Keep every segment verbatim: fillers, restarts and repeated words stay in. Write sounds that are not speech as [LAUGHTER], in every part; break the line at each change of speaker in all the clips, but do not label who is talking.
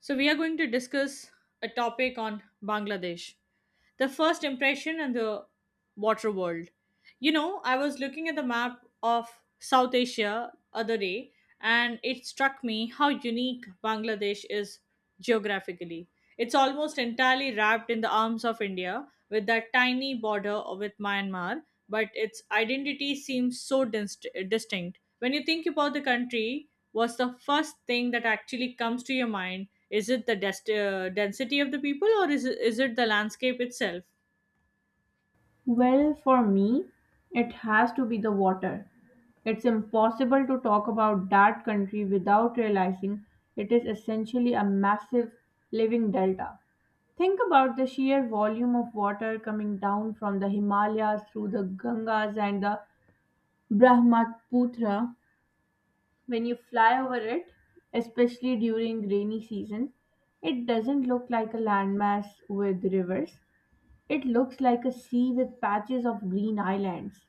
So, we are going to discuss a topic on Bangladesh, the first impression and the water world. You know, I was looking at the map of South Asia other day and it struck me how unique Bangladesh is geographically. It's almost entirely wrapped in the arms of India with that tiny border with Myanmar, but its identity seems so dist- distinct. When you think about the country, what's the first thing that actually comes to your mind? Is it the dest- uh, density of the people or is it, is it the landscape itself?
Well, for me, it has to be the water. It's impossible to talk about that country without realizing it is essentially a massive living delta. Think about the sheer volume of water coming down from the Himalayas through the Gangas and the Brahmaputra. When you fly over it, especially during rainy season, it doesn't look like a landmass with rivers. It looks like a sea with patches of green islands.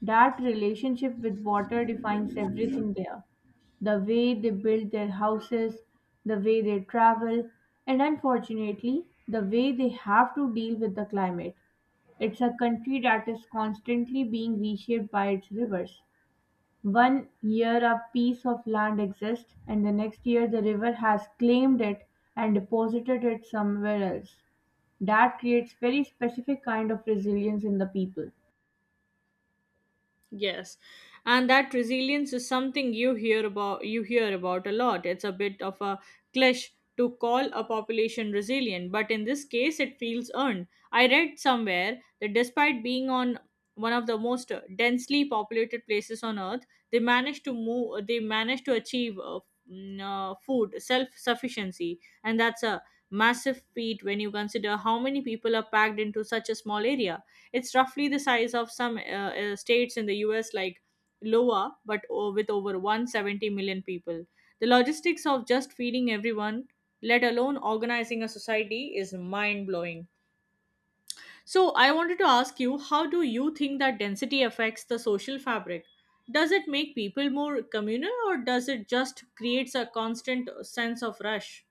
That relationship with water defines everything there, the way they build their houses, the way they travel, and unfortunately, the way they have to deal with the climate. It's a country that is constantly being reshaped by its rivers. One year a piece of land exists and the next year the river has claimed it and deposited it somewhere else. That creates very specific kind of resilience in the people.
Yes, and that resilience is something you hear about you hear about a lot. It's a bit of a cliché to call a population resilient, but in this case it feels earned. I read somewhere that despite being on one of the most uh, densely populated places on earth, they managed to move they managed to achieve uh, mm, uh, food self-sufficiency, and that's a massive feat when you consider how many people are packed into such a small area. It's roughly the size of some uh, uh, states in the U S like Iowa, but o- with over one hundred seventy million people. The logistics of just feeding everyone, let alone organizing a society, is mind blowing. So, I wanted to ask you, how do you think that density affects the social fabric? Does it make people more communal or does it just creates a constant sense of rush?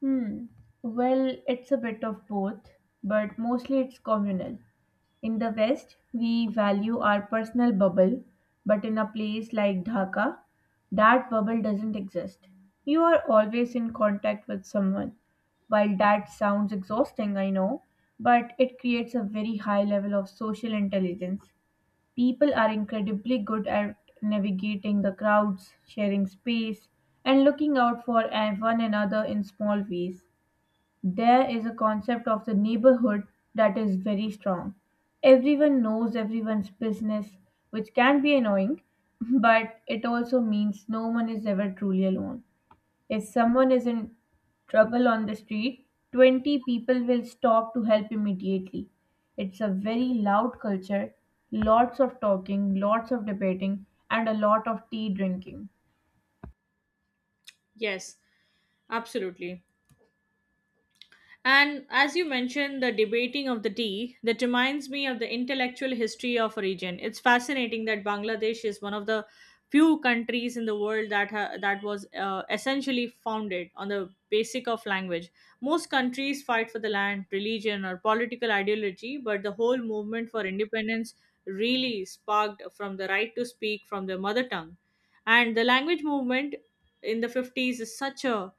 Hmm. Well, it's a bit of both, but mostly it's communal. In the West, we value our personal bubble, but in a place like Dhaka, that bubble doesn't exist. You are always in contact with someone. While that sounds exhausting, I know, but it creates a very high level of social intelligence. People are incredibly good at navigating the crowds, sharing space, and looking out for a- one another in small ways. There is a concept of the neighborhood that is very strong. Everyone knows everyone's business, which can be annoying, [LAUGHS] but it also means no one is ever truly alone. If someone is in trouble on the street, twenty people will stop to help immediately. It's a very loud culture, lots of talking, lots of debating, and a lot of tea drinking.
Yes, absolutely. And as you mentioned, the debating of the tea, that reminds me of the intellectual history of a region. It's fascinating that Bangladesh is one of the few countries in the world that ha- that was uh, essentially founded on the basic of language. Most countries fight for the land, religion, or political ideology, but the whole movement for independence really sparked from the right to speak from the mother tongue. And the language movement in the fifties is such a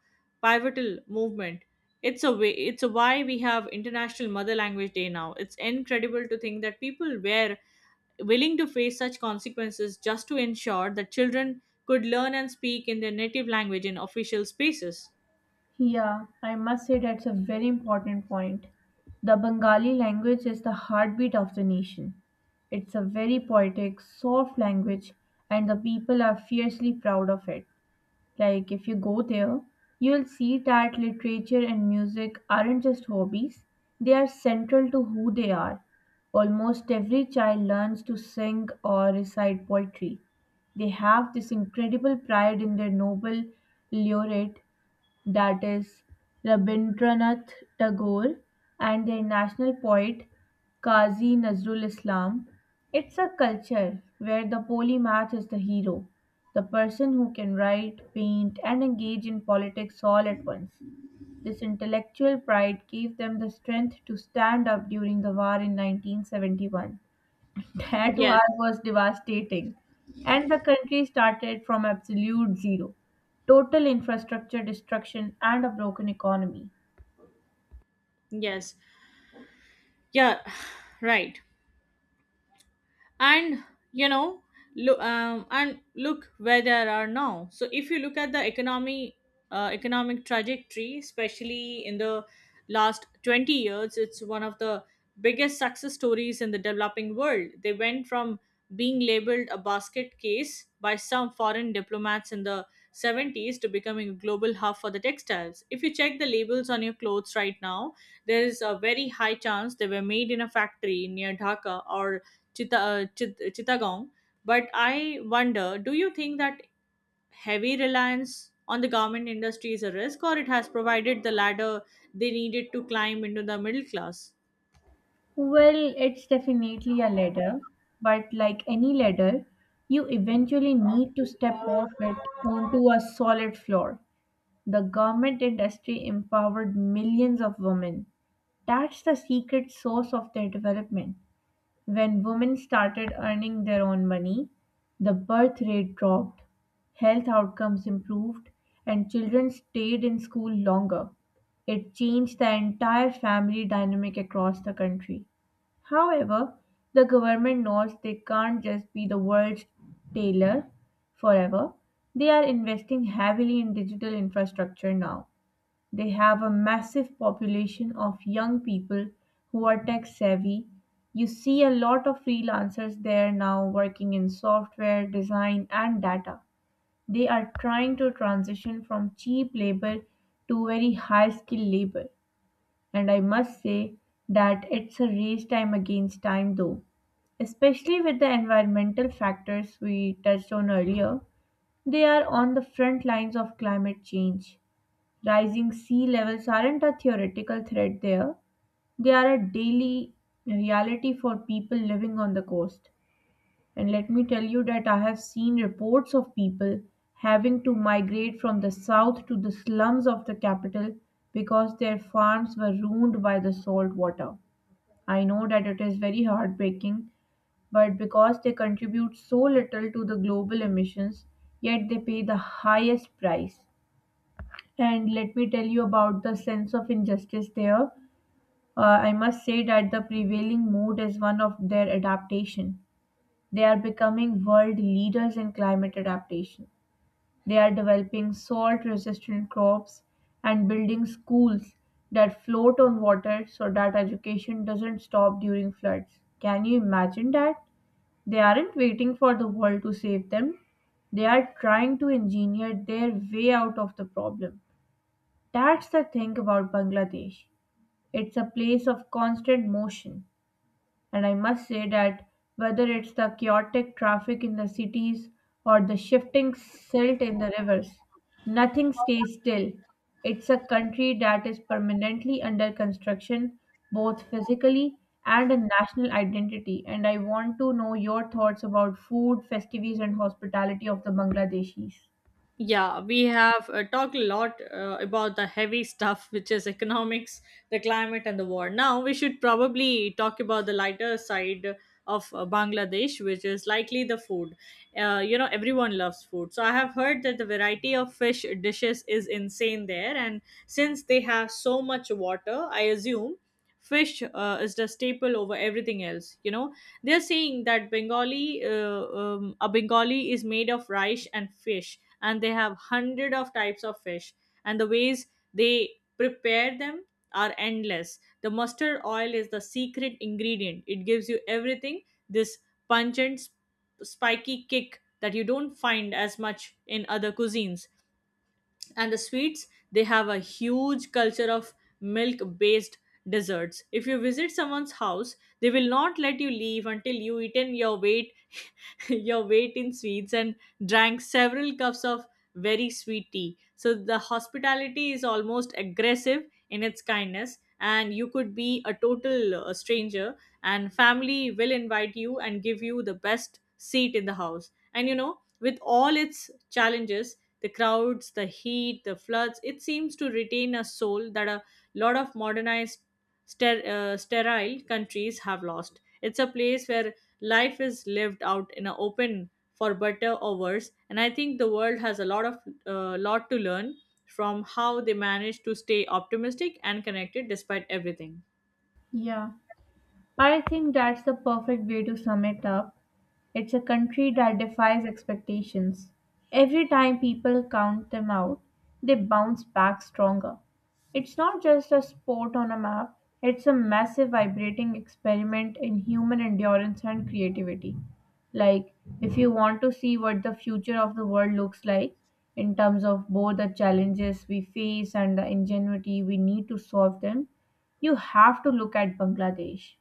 pivotal movement, it's a way, it's a why we have International Mother Language Day now. It's incredible to think that people were willing to face such consequences just to ensure that children could learn and speak in their native language in official spaces.
Yeah, I must say that's a very important point. The Bengali language is the heartbeat of the nation. It's a very poetic, soft language, and the people are fiercely proud of it. Like, if you go there, you'll see that literature and music aren't just hobbies, they are central to who they are. Almost every child learns to sing or recite poetry. They have this incredible pride in their noble laureate that is Rabindranath Tagore, and their national poet Qazi Nazrul Islam. It's a culture where the polymath is the hero, the person who can write, paint, and engage in politics all at once. This intellectual pride gave them the strength to stand up during the war in nineteen seventy-one. That
Yes,
war was devastating, and the country started from absolute zero. Total infrastructure destruction and a broken economy.
yes. Yeah, [SIGHS] right. And you know, look um, and look where there are now. So if you look at the economy, uh, economic trajectory, especially in the last twenty years, it's one of the biggest success stories in the developing world. They went from being labeled a basket case by some foreign diplomats in the seventies to becoming a global hub for the textiles. If you check the labels on your clothes right now, there is a very high chance they were made in a factory near Dhaka or Chitta, uh, Chit, Chittagong. But I wonder, do you think that heavy reliance on the garment industry is a risk, or it has provided the ladder they needed to climb into the middle class?
Well, it's definitely a ladder, but like any ladder, you eventually need to step off it onto a solid floor. The garment industry empowered millions of women. That's the secret source of their development. When women started earning their own money, the birth rate dropped, health outcomes improved, and children stayed in school longer. It changed the entire family dynamic across the country. However, the government knows they can't just be the world's tailor forever. They are investing heavily in digital infrastructure now. They have a massive population of young people who are tech savvy. You see a lot of freelancers there now working in software, design, and data. They are trying to transition from cheap labor to very high skill labor. And I must say that it's a race time against time though, especially with the environmental factors we touched on earlier, they are on the front lines of climate change. Rising sea levels aren't a theoretical threat there, they are a daily reality for people living on the coast. And let me tell you that I have seen reports of people having to migrate from the south to the slums of the capital because their farms were ruined by the salt water. I know that it is very heartbreaking, but because they contribute so little to the global emissions, yet they pay the highest price. And let me tell you about the sense of injustice there. Uh, I must say that the prevailing mood is one of their adaptation. They are becoming world leaders in climate adaptation. They are developing salt resistant crops and building schools that float on water so that education doesn't stop during floods. Can you imagine that? They aren't waiting for the world to save them, they are trying to engineer their way out of the problem. That's the thing about Bangladesh. It's a place of constant motion, and I must say that whether it's the chaotic traffic in the cities or the shifting silt in the rivers, nothing stays still. It's a country that is permanently under construction, both physically and in national identity. And I want to know your thoughts about food, festivities, and hospitality of the Bangladeshis.
Yeah, we have uh, talked a lot uh, about the heavy [LAUGHS] stuff, which is economics, the climate, and the war. Now, we should probably talk about the lighter side of uh, Bangladesh, which is likely the food. Uh, you know, everyone loves food. So, I have heard that the variety of fish dishes is insane there. And since they have so much water, I assume fish uh, is the staple over everything else. You know, they're saying that Bengali, uh, um, a Bengali is made of rice and fish, and they have hundred of types of fish, and the ways they prepare them are endless. The mustard oil is the secret ingredient. It gives you everything, this pungent, sp- spiky kick that you don't find as much in other cuisines. And the sweets, they have a huge culture of milk based desserts. If you visit someone's house, they will not let you leave until you eaten your weight [LAUGHS] your weight in sweets and drank several cups of very sweet tea. So the hospitality is almost aggressive in its kindness, and you could be a total uh, stranger and family will invite you and give you the best seat in the house. And you know, with all its challenges, the crowds, the heat, the floods. It seems to retain a soul that a lot of modernized, ster- uh, sterile countries have lost. It's a place where life is lived out in an open for better or worse, and I think the world has a lot of uh, lot to learn from how they manage to stay optimistic and connected despite everything.
Yeah. I think that's the perfect way to sum it up. It's a country that defies expectations. Every time people count them out, they bounce back stronger. It's not just a sport on a map, it's a massive vibrating experiment in human endurance and creativity. Like, if you want to see what the future of the world looks like in terms of both the challenges we face and the ingenuity we need to solve them, you have to look at Bangladesh.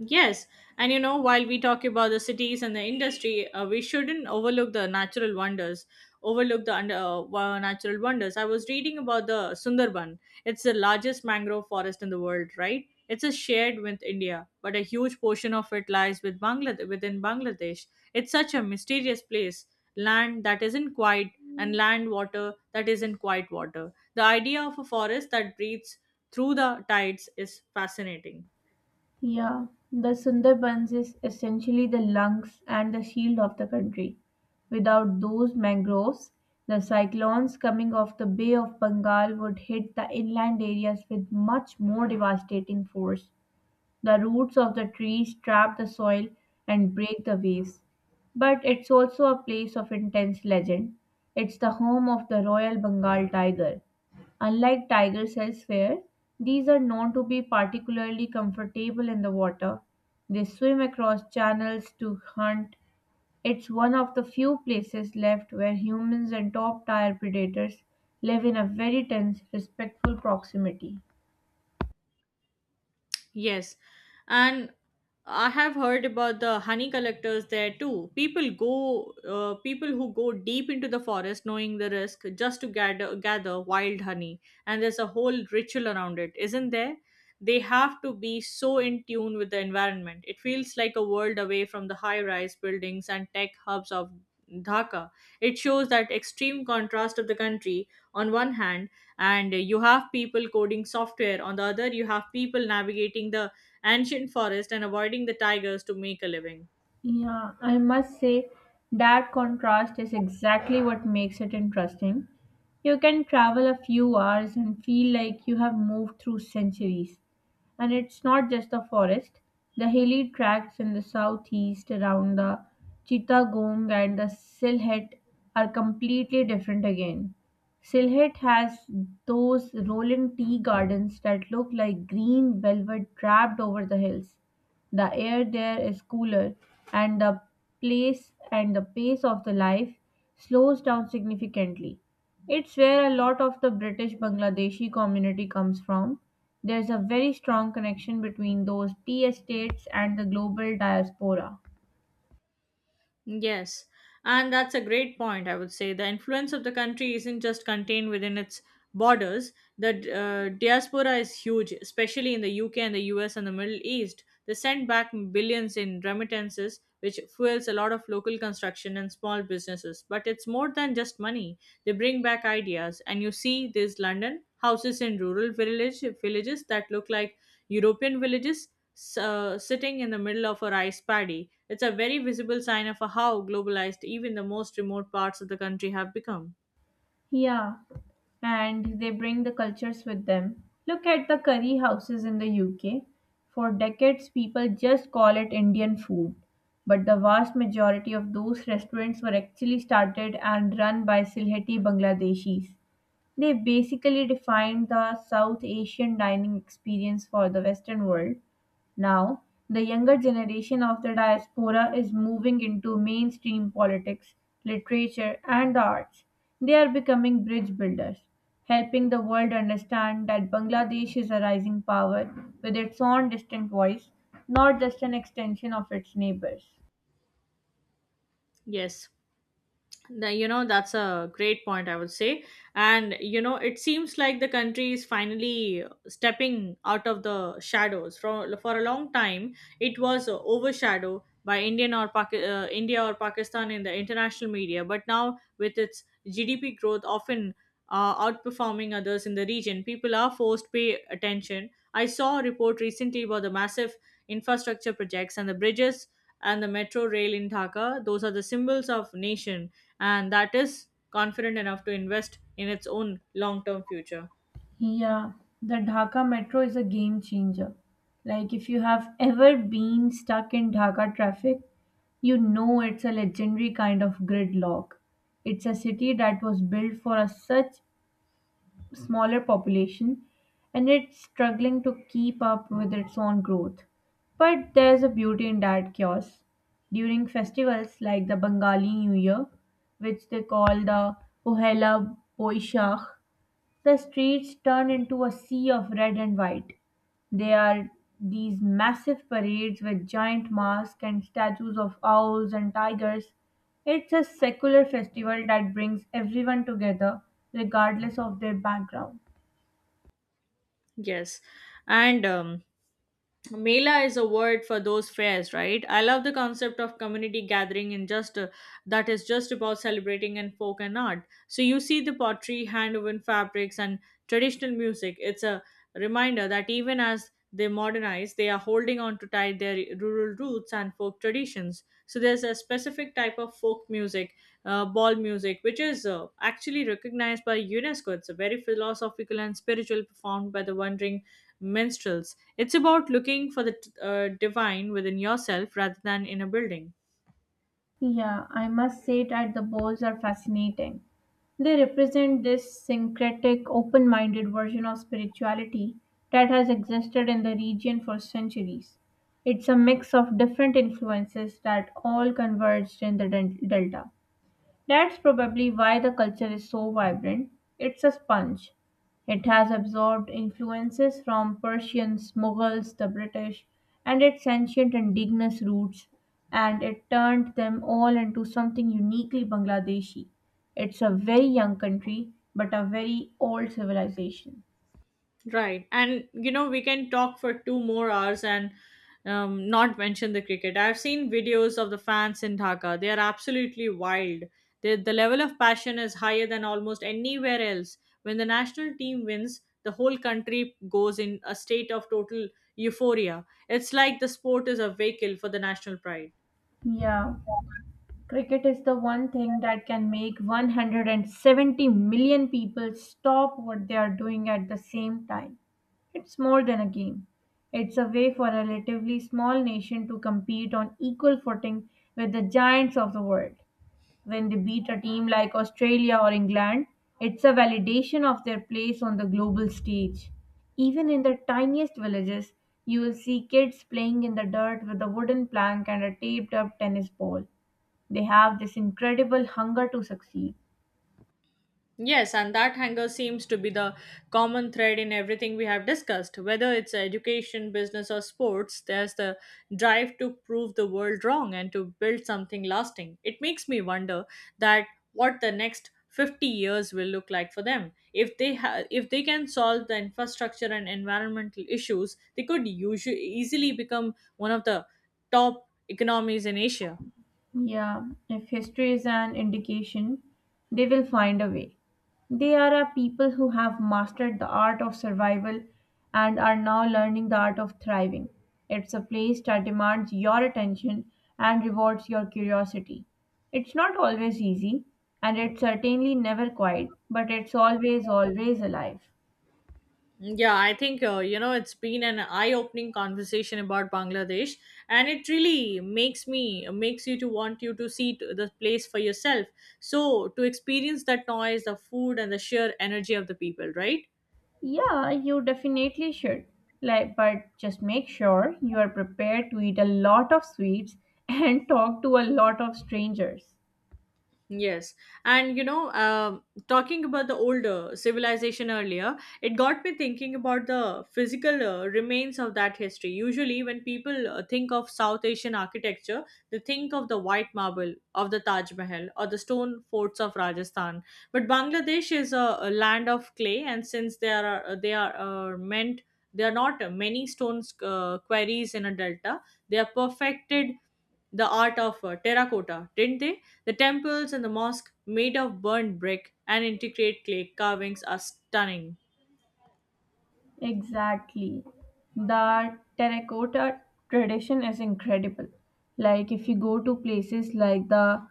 Yes, and you know, while we talk about the cities and the industry, uh, we shouldn't overlook the natural wonders. Overlook the under, uh, wa- Natural wonders. I was reading about the Sundarban. It's the largest mangrove forest in the world, right? It's a shared with India, but a huge portion of it lies with Bangladesh within Bangladesh. It's such a mysterious place, land that isn't quite, and land water that isn't quite water. The idea of a forest that breathes through the tides is fascinating.
Yeah, the Sundarbans is essentially the lungs and the shield of the country. Without those mangroves, the cyclones coming off the Bay of Bengal would hit the inland areas with much more devastating force. The roots of the trees trap the soil and break the waves. But it's also a place of intense legend. It's the home of the Royal Bengal tiger. Unlike tigers elsewhere, these are known to be particularly comfortable in the water. They swim across channels to hunt. It's one of the few places left where humans and top tier predators live in a very tense, respectful proximity.
Yes, and I have heard about the honey collectors there too. People go, uh, people who go deep into the forest, knowing the risk, just to gather gather wild honey, and there's a whole ritual around it, isn't there? They have to be so in tune with the environment. It feels like a world away from the high-rise buildings and tech hubs of Dhaka. It shows that extreme contrast of the country. On one hand, and you have people coding software, on the other you have people navigating the ancient forest and avoiding the tigers to make a living.
Yeah, I must say that contrast is exactly what makes it interesting. You can travel a few hours and feel like you have moved through centuries. And it's not just the forest, the hilly tracts in the southeast around the Chittagong and the Silhet are completely different again. Silhet has those rolling tea gardens that look like green velvet draped over the hills. The air there is cooler, and the place and the pace of the life slows down significantly. It's where a lot of the British Bangladeshi community comes from. There's a very strong connection between those tea estates and the global diaspora.
Yes, and that's a great point, I would say. The influence of the country isn't just contained within its borders. The uh, diaspora is huge, especially in the U K and the U S and the Middle East. They send back billions in remittances, which fuels a lot of local construction and small businesses. But it's more than just money, they bring back ideas. And you see, this London houses in rural village, villages that look like European villages. S- Uh, sitting in the middle of a rice paddy, it's a very visible sign of how globalized even the most remote parts of the country have become.
Yeah, and they bring the cultures with them. Look at the curry houses in the U K. For decades, people just call it Indian food. But the vast majority of those restaurants were actually started and run by Silheti Bangladeshis. They basically defined the South Asian dining experience for the Western world. Now, the younger generation of the diaspora is moving into mainstream politics, literature, and the arts. They are becoming bridge builders, helping the world understand that Bangladesh is a rising power with its own distinct voice, not just an extension of its neighbors.
Yes, The- you know, that's a great point, I would say. And you know, it seems like the country is finally stepping out of the shadows for, for a long time. It was uh, overshadowed by indian or Paki- uh, India or Pakistan in the international media, but now with its G D P growth often uh, outperforming others in the region, people are forced to pay attention. I saw a report recently about the massive infrastructure projects and the bridges and the metro rail in Dhaka. Those are the symbols of nation and that is confident enough to invest in its own long-term future.
Yeah, the Dhaka metro is a game changer. Like, if you have ever been stuck in Dhaka traffic, you know it's a legendary kind of gridlock. It's a city that was built for a such smaller population and it's struggling to keep up with its own growth. But there's a beauty in that chaos. During festivals like the Bengali New Year, which they call the Pohela Boishakh, the streets turn into a sea of red and white. They are these massive parades with giant masks and statues of owls and tigers. It's a secular festival that brings everyone together, regardless of their background.
Yes. And um, Mela is a word for those fairs, right? I love the concept of community gathering and just uh, that is just about celebrating and folk and art. So you see the pottery, hand woven fabrics, and traditional music. It's a reminder that even as they modernize, they are holding on to tight their rural roots and folk traditions. So there's a specific type of folk music, uh, ball music, which is uh, actually recognized by UNESCO. It's a very philosophical and spiritual, performed by the wandering minstrels. It's about looking for the uh, divine within yourself rather than in a building.
Yeah, I must say that the bowls are fascinating. They represent this syncretic, open minded version of spirituality that has existed in the region for centuries. It's a mix of different influences that all converged in the del- delta. That's probably why the culture is so vibrant. It's a sponge. It has absorbed influences from Persians, Mughals, the British, and its ancient indigenous roots, and it turned them all into something uniquely Bangladeshi. It's a very young country, but a very old civilization.
Right. And, you know, we can talk for two more hours and um, not mention the cricket. I've seen videos of the fans in Dhaka. They are absolutely wild. The, the level of passion is higher than almost anywhere else. When the national team wins, the whole country goes in a state of total euphoria. It's like the sport is a vehicle for the national pride.
Yeah. Cricket is the one thing that can make one hundred seventy million people stop what they are doing at the same time. It's more than a game. It's a way for a relatively small nation to compete on equal footing with the giants of the world. When they beat a team like Australia or England, it's a validation of their place on the global stage. Even in the tiniest villages, you will see kids playing in the dirt with a wooden plank and a taped up tennis ball. They have this incredible hunger to succeed.
Yes, and that hunger seems to be the common thread in everything we have discussed. Whether it's education, business, or sports, there's the drive to prove the world wrong and to build something lasting. It makes me wonder that what the next fifty years will look like for them. If they ha- if they can solve the infrastructure and environmental issues, they could usually easily become one of the top economies in Asia.
Yeah, if history is an indication, they will find a way. They are a people who have mastered the art of survival and are now learning the art of thriving. It's a place that demands your attention and rewards your curiosity. It's not always easy, and it's certainly never quiet, but it's always, always alive.
Yeah, I think uh, you know, it's been an eye-opening conversation about Bangladesh, and it really makes me makes you to want you to see t- the place for yourself. So to experience that noise, the food, and the sheer energy of the people, right?
Yeah, you definitely should. Like, but just make sure you are prepared to eat a lot of sweets and [LAUGHS] talk to a lot of strangers.
Yes. And you know, um, talking about the older civilization earlier, it got me thinking about the physical uh, remains of that history. Usually, when people uh, think of South Asian architecture, they think of the white marble of the Taj Mahal or the stone forts of Rajasthan. But Bangladesh is a, a land of clay, and since there are uh, they are uh, meant there are not many stone uh, quarries in a delta, they are perfected the art of uh, terracotta, didn't they? The temples and the mosque made of burnt brick and intricate clay carvings are stunning.
Exactly. The terracotta tradition is incredible. Like if you go to places like the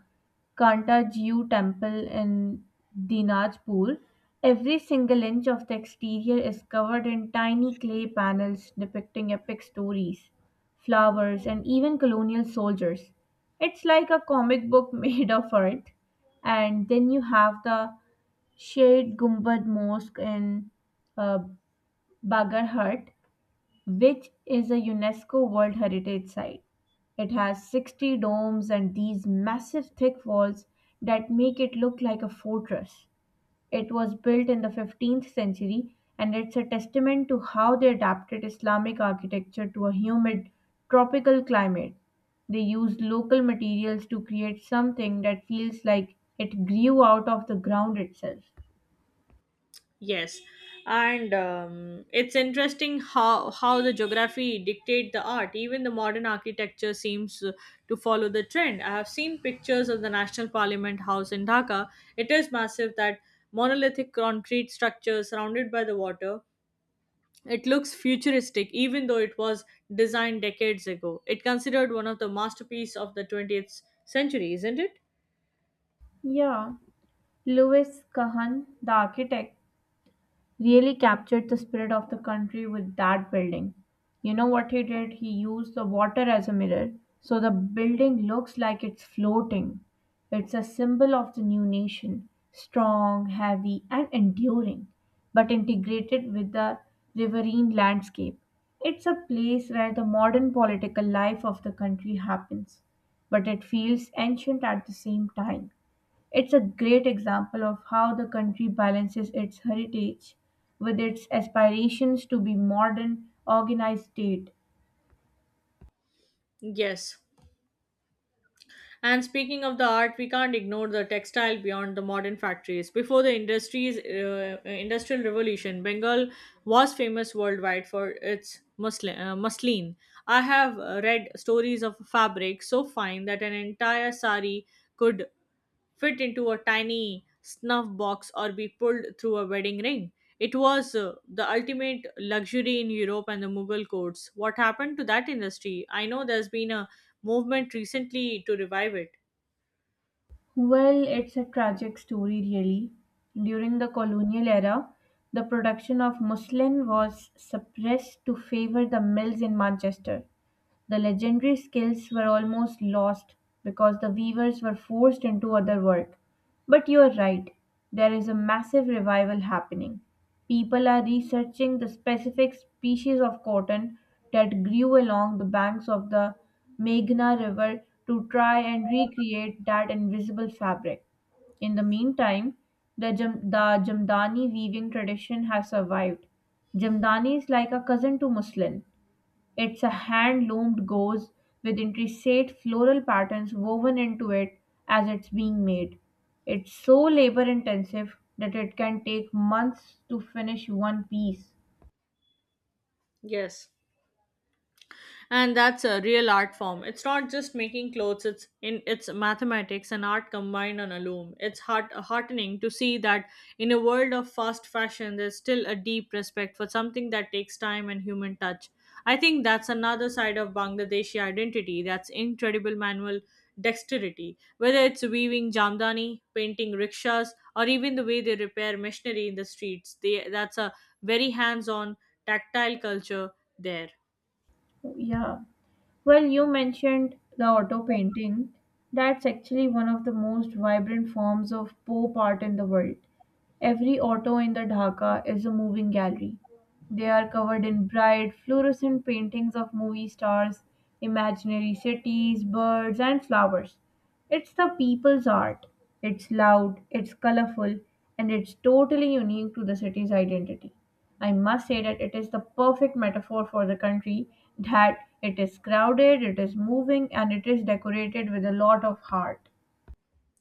Kantajiu temple in Dinajpur, every single inch of the exterior is covered in tiny clay panels depicting epic stories, flowers, and even colonial soldiers. It's like a comic book [LAUGHS] made of art. And then you have the Shade Gumbad Mosque in uh, Bagarhat, which is a UNESCO World Heritage Site. It has sixty domes and these massive thick walls that make it look like a fortress. It was built in the fifteenth century, and it's a testament to how they adapted Islamic architecture to a humid tropical climate. They used local materials to create something that feels like it grew out of the ground itself.
Yes, and um, it's interesting how how the geography dictate the art. Even the modern architecture seems uh, to follow the trend. I have seen pictures of the National Parliament House in Dhaka. It is massive, that monolithic concrete structure surrounded by the water. It looks futuristic even though it was designed decades ago. It considered one of the masterpieces of the twentieth century, isn't it?
Yeah, Louis Kahan, the architect, really captured the spirit of the country with that building. You know what he did? He used the water as a mirror, so the building looks like it's floating. It's a symbol of the new nation, strong, heavy, and enduring, but integrated with the riverine landscape. It's a place where the modern political life of the country happens, but it feels ancient at the same time. It's a great example of how the country balances its heritage with its aspirations to be modern, organized state.
Yes. And speaking of the art, we can't ignore the textile beyond the modern factories. Before the industries, uh, industrial revolution, Bengal was famous worldwide for its muslin. Uh, muslin. I have uh, read stories of a fabric so fine that an entire sari could fit into a tiny snuff box or be pulled through a wedding ring. It was uh, the ultimate luxury in Europe and the Mughal courts. What happened to that industry? I know there's been a movement recently to revive it.
Well, it's a tragic story really. During the colonial era, the production of muslin was suppressed to favor the mills in Manchester. The legendary skills were almost lost because the weavers were forced into other work. But you're right, there is a massive revival happening. People are researching the specific species of cotton that grew along the banks of the Meghna River to try and recreate that invisible fabric. In the meantime, the, jam- the Jamdani weaving tradition has survived. Jamdani is like a cousin to muslin, it's a hand-loomed gauze with intricate floral patterns woven into it as it's being made. It's so labor intensive that it can take months to finish one piece.
Yes, and that's a real art form. It's not just making clothes, it's in it's mathematics and art combined on a loom. It's heart, heartening to see that in a world of fast fashion there's still a deep respect for something that takes time and human touch. I think that's another side of Bangladeshi identity, that's incredible manual dexterity, whether it's weaving Jamdani, painting rickshaws, or even the way they repair machinery in the streets. They That's a very hands on, tactile culture there.
Yeah. Well, you mentioned the auto painting. That's actually one of the most vibrant forms of pop art in the world. Every auto in the Dhaka is a moving gallery. They are covered in bright fluorescent paintings of movie stars, imaginary cities, birds, and flowers. It's the people's art. It's loud, it's colorful, and it's totally unique to the city's identity. I must say that it is the perfect metaphor for the country that it is crowded, it is moving, and it is decorated with a lot of heart.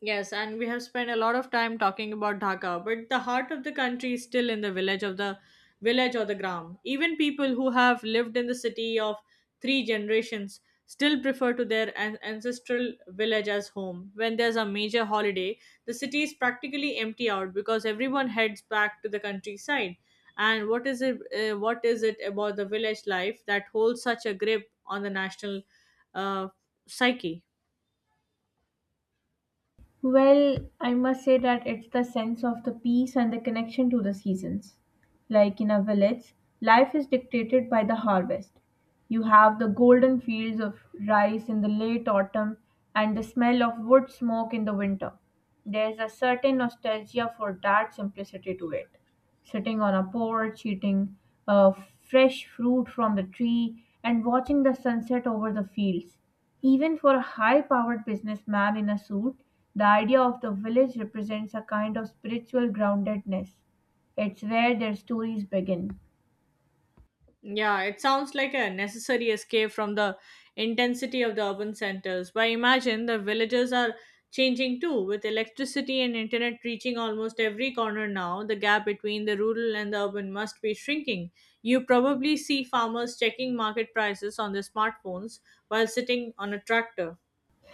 Yes, and we have spent a lot of time talking about Dhaka, but the heart of the country is still in the village of the village, or the gram. Even people who have lived in the city of three generations still prefer to their an- ancestral village as home. When there's a major holiday, the city is practically empty out because everyone heads back to the countryside. And what is it? Uh, what is it about the village life that holds such a grip on the national uh, psyche?
Well, I must say that it's the sense of the peace and the connection to the seasons. Like in a village, life is dictated by the harvest. You have the golden fields of rice in the late autumn and the smell of wood smoke in the winter. There's a certain nostalgia for that simplicity to it. Sitting on a porch, eating uh, fresh fruit from the tree, and watching the sunset over the fields. Even for a high powered businessman in a suit, the idea of the village represents a kind of spiritual groundedness. It's where their stories begin.
Yeah, it sounds like a necessary escape from the intensity of the urban centers. But imagine the villages are changing too, with electricity and internet reaching almost every corner now. The gap between the rural and the urban must be shrinking. You probably see farmers checking market prices on their smartphones while sitting on a tractor.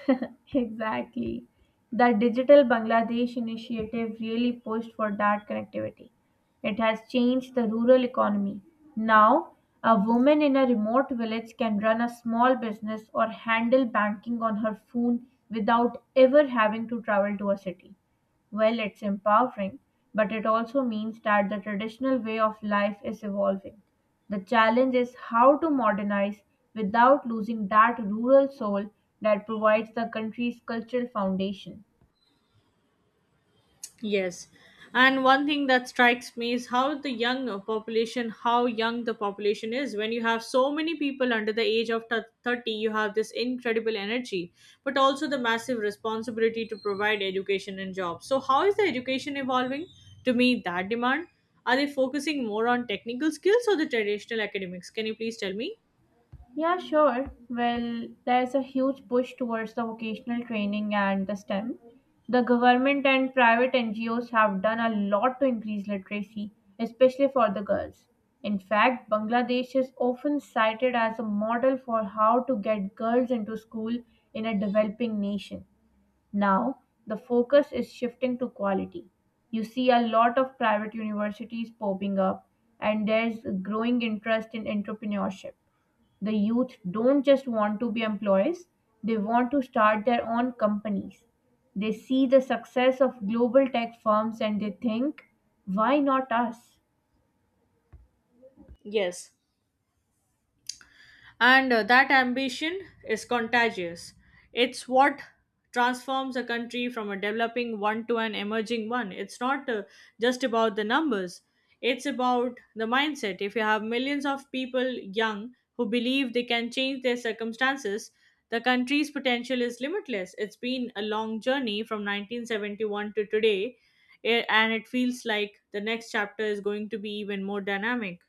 [LAUGHS] Exactly. The Digital Bangladesh initiative really pushed for that connectivity. It has changed the rural economy. Now, a woman in a remote village can run a small business or handle banking on her phone without ever having to travel to a city. Well, it's empowering, but it also means that the traditional way of life is evolving. The challenge is how to modernize without losing that rural soul that provides the country's cultural foundation.
Yes. And one thing that strikes me is how the young uh, population, how young the population is. When you have so many people under the age of th- thirty, you have this incredible energy, but also the massive responsibility to provide education and jobs. So, how is the education evolving to meet that demand? Are they focusing more on technical skills or the traditional academics? Can you please tell me?
Yeah, sure. Well, there's a huge push towards the vocational training and the STEM. The government and private N G Os have done a lot to increase literacy, especially for the girls. In fact, Bangladesh is often cited as a model for how to get girls into school in a developing nation. Now, the focus is shifting to quality. You see a lot of private universities popping up, and there's a growing interest in entrepreneurship. The youth don't just want to be employees, they want to start their own companies. They see the success of global tech firms and they think, why not us?
Yes. And uh, that ambition is contagious. It's what transforms a country from a developing one to an emerging one. It's not uh, just about the numbers, it's about the mindset. If you have millions of people young who believe they can change their circumstances, the country's potential is limitless. It's been a long journey from nineteen seventy-one to today, eh, and it feels like the next chapter is going to be even more dynamic.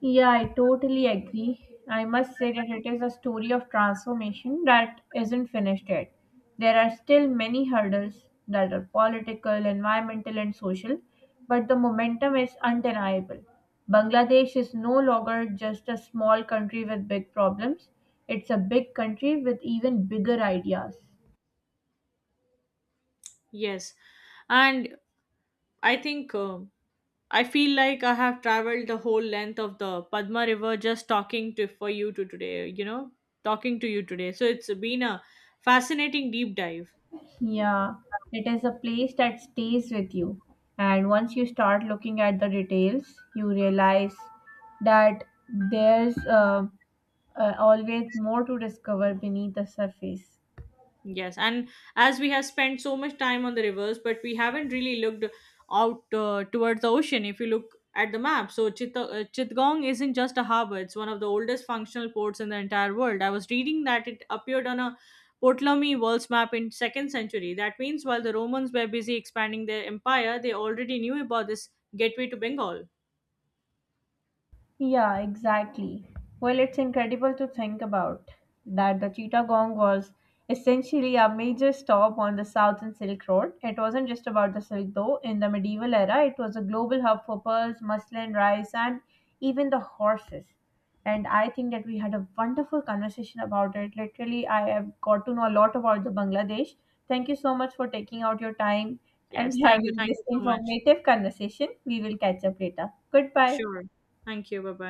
Yeah, I totally agree. I must say that it is a story of transformation that isn't finished yet. There are still many hurdles that are political, environmental, and social, but the momentum is undeniable. Bangladesh is no longer just a small country with big problems, it's a big country with even bigger ideas.
Yes. And I think. Um I feel like I have traveled the whole length of the Padma River just talking to for you to today, you know, talking to you today. So it's been a fascinating deep dive.
Yeah, it is a place that stays with you. And once you start looking at the details, you realize that there's uh, uh, always more to discover beneath the surface.
Yes, and as we have spent so much time on the rivers, but we haven't really looked out uh, towards the ocean. If you look at the map, so Chitta, uh, Chittagong isn't just a harbor; it's one of the oldest functional ports in the entire world. I was reading that it appeared on a Ptolemy world's map in second century. That means while the Romans were busy expanding their empire, they already knew about this gateway to Bengal.
Yeah, exactly. Well, it's incredible to think about that the Chittagong was essentially a major stop on the Southern Silk Road. It wasn't just about the silk, though. In the medieval era, it was a global hub for pearls, muslin, rice, and even the horses. And I think that we had a wonderful conversation about it. Literally, I have got to know a lot about the Bangladesh. Thank you so much for taking out your time and
Yes,
[LAUGHS]
thank you,
having
thank
this
you so much.
informative conversation. We will catch up later. Goodbye.
Sure, thank you. Bye bye.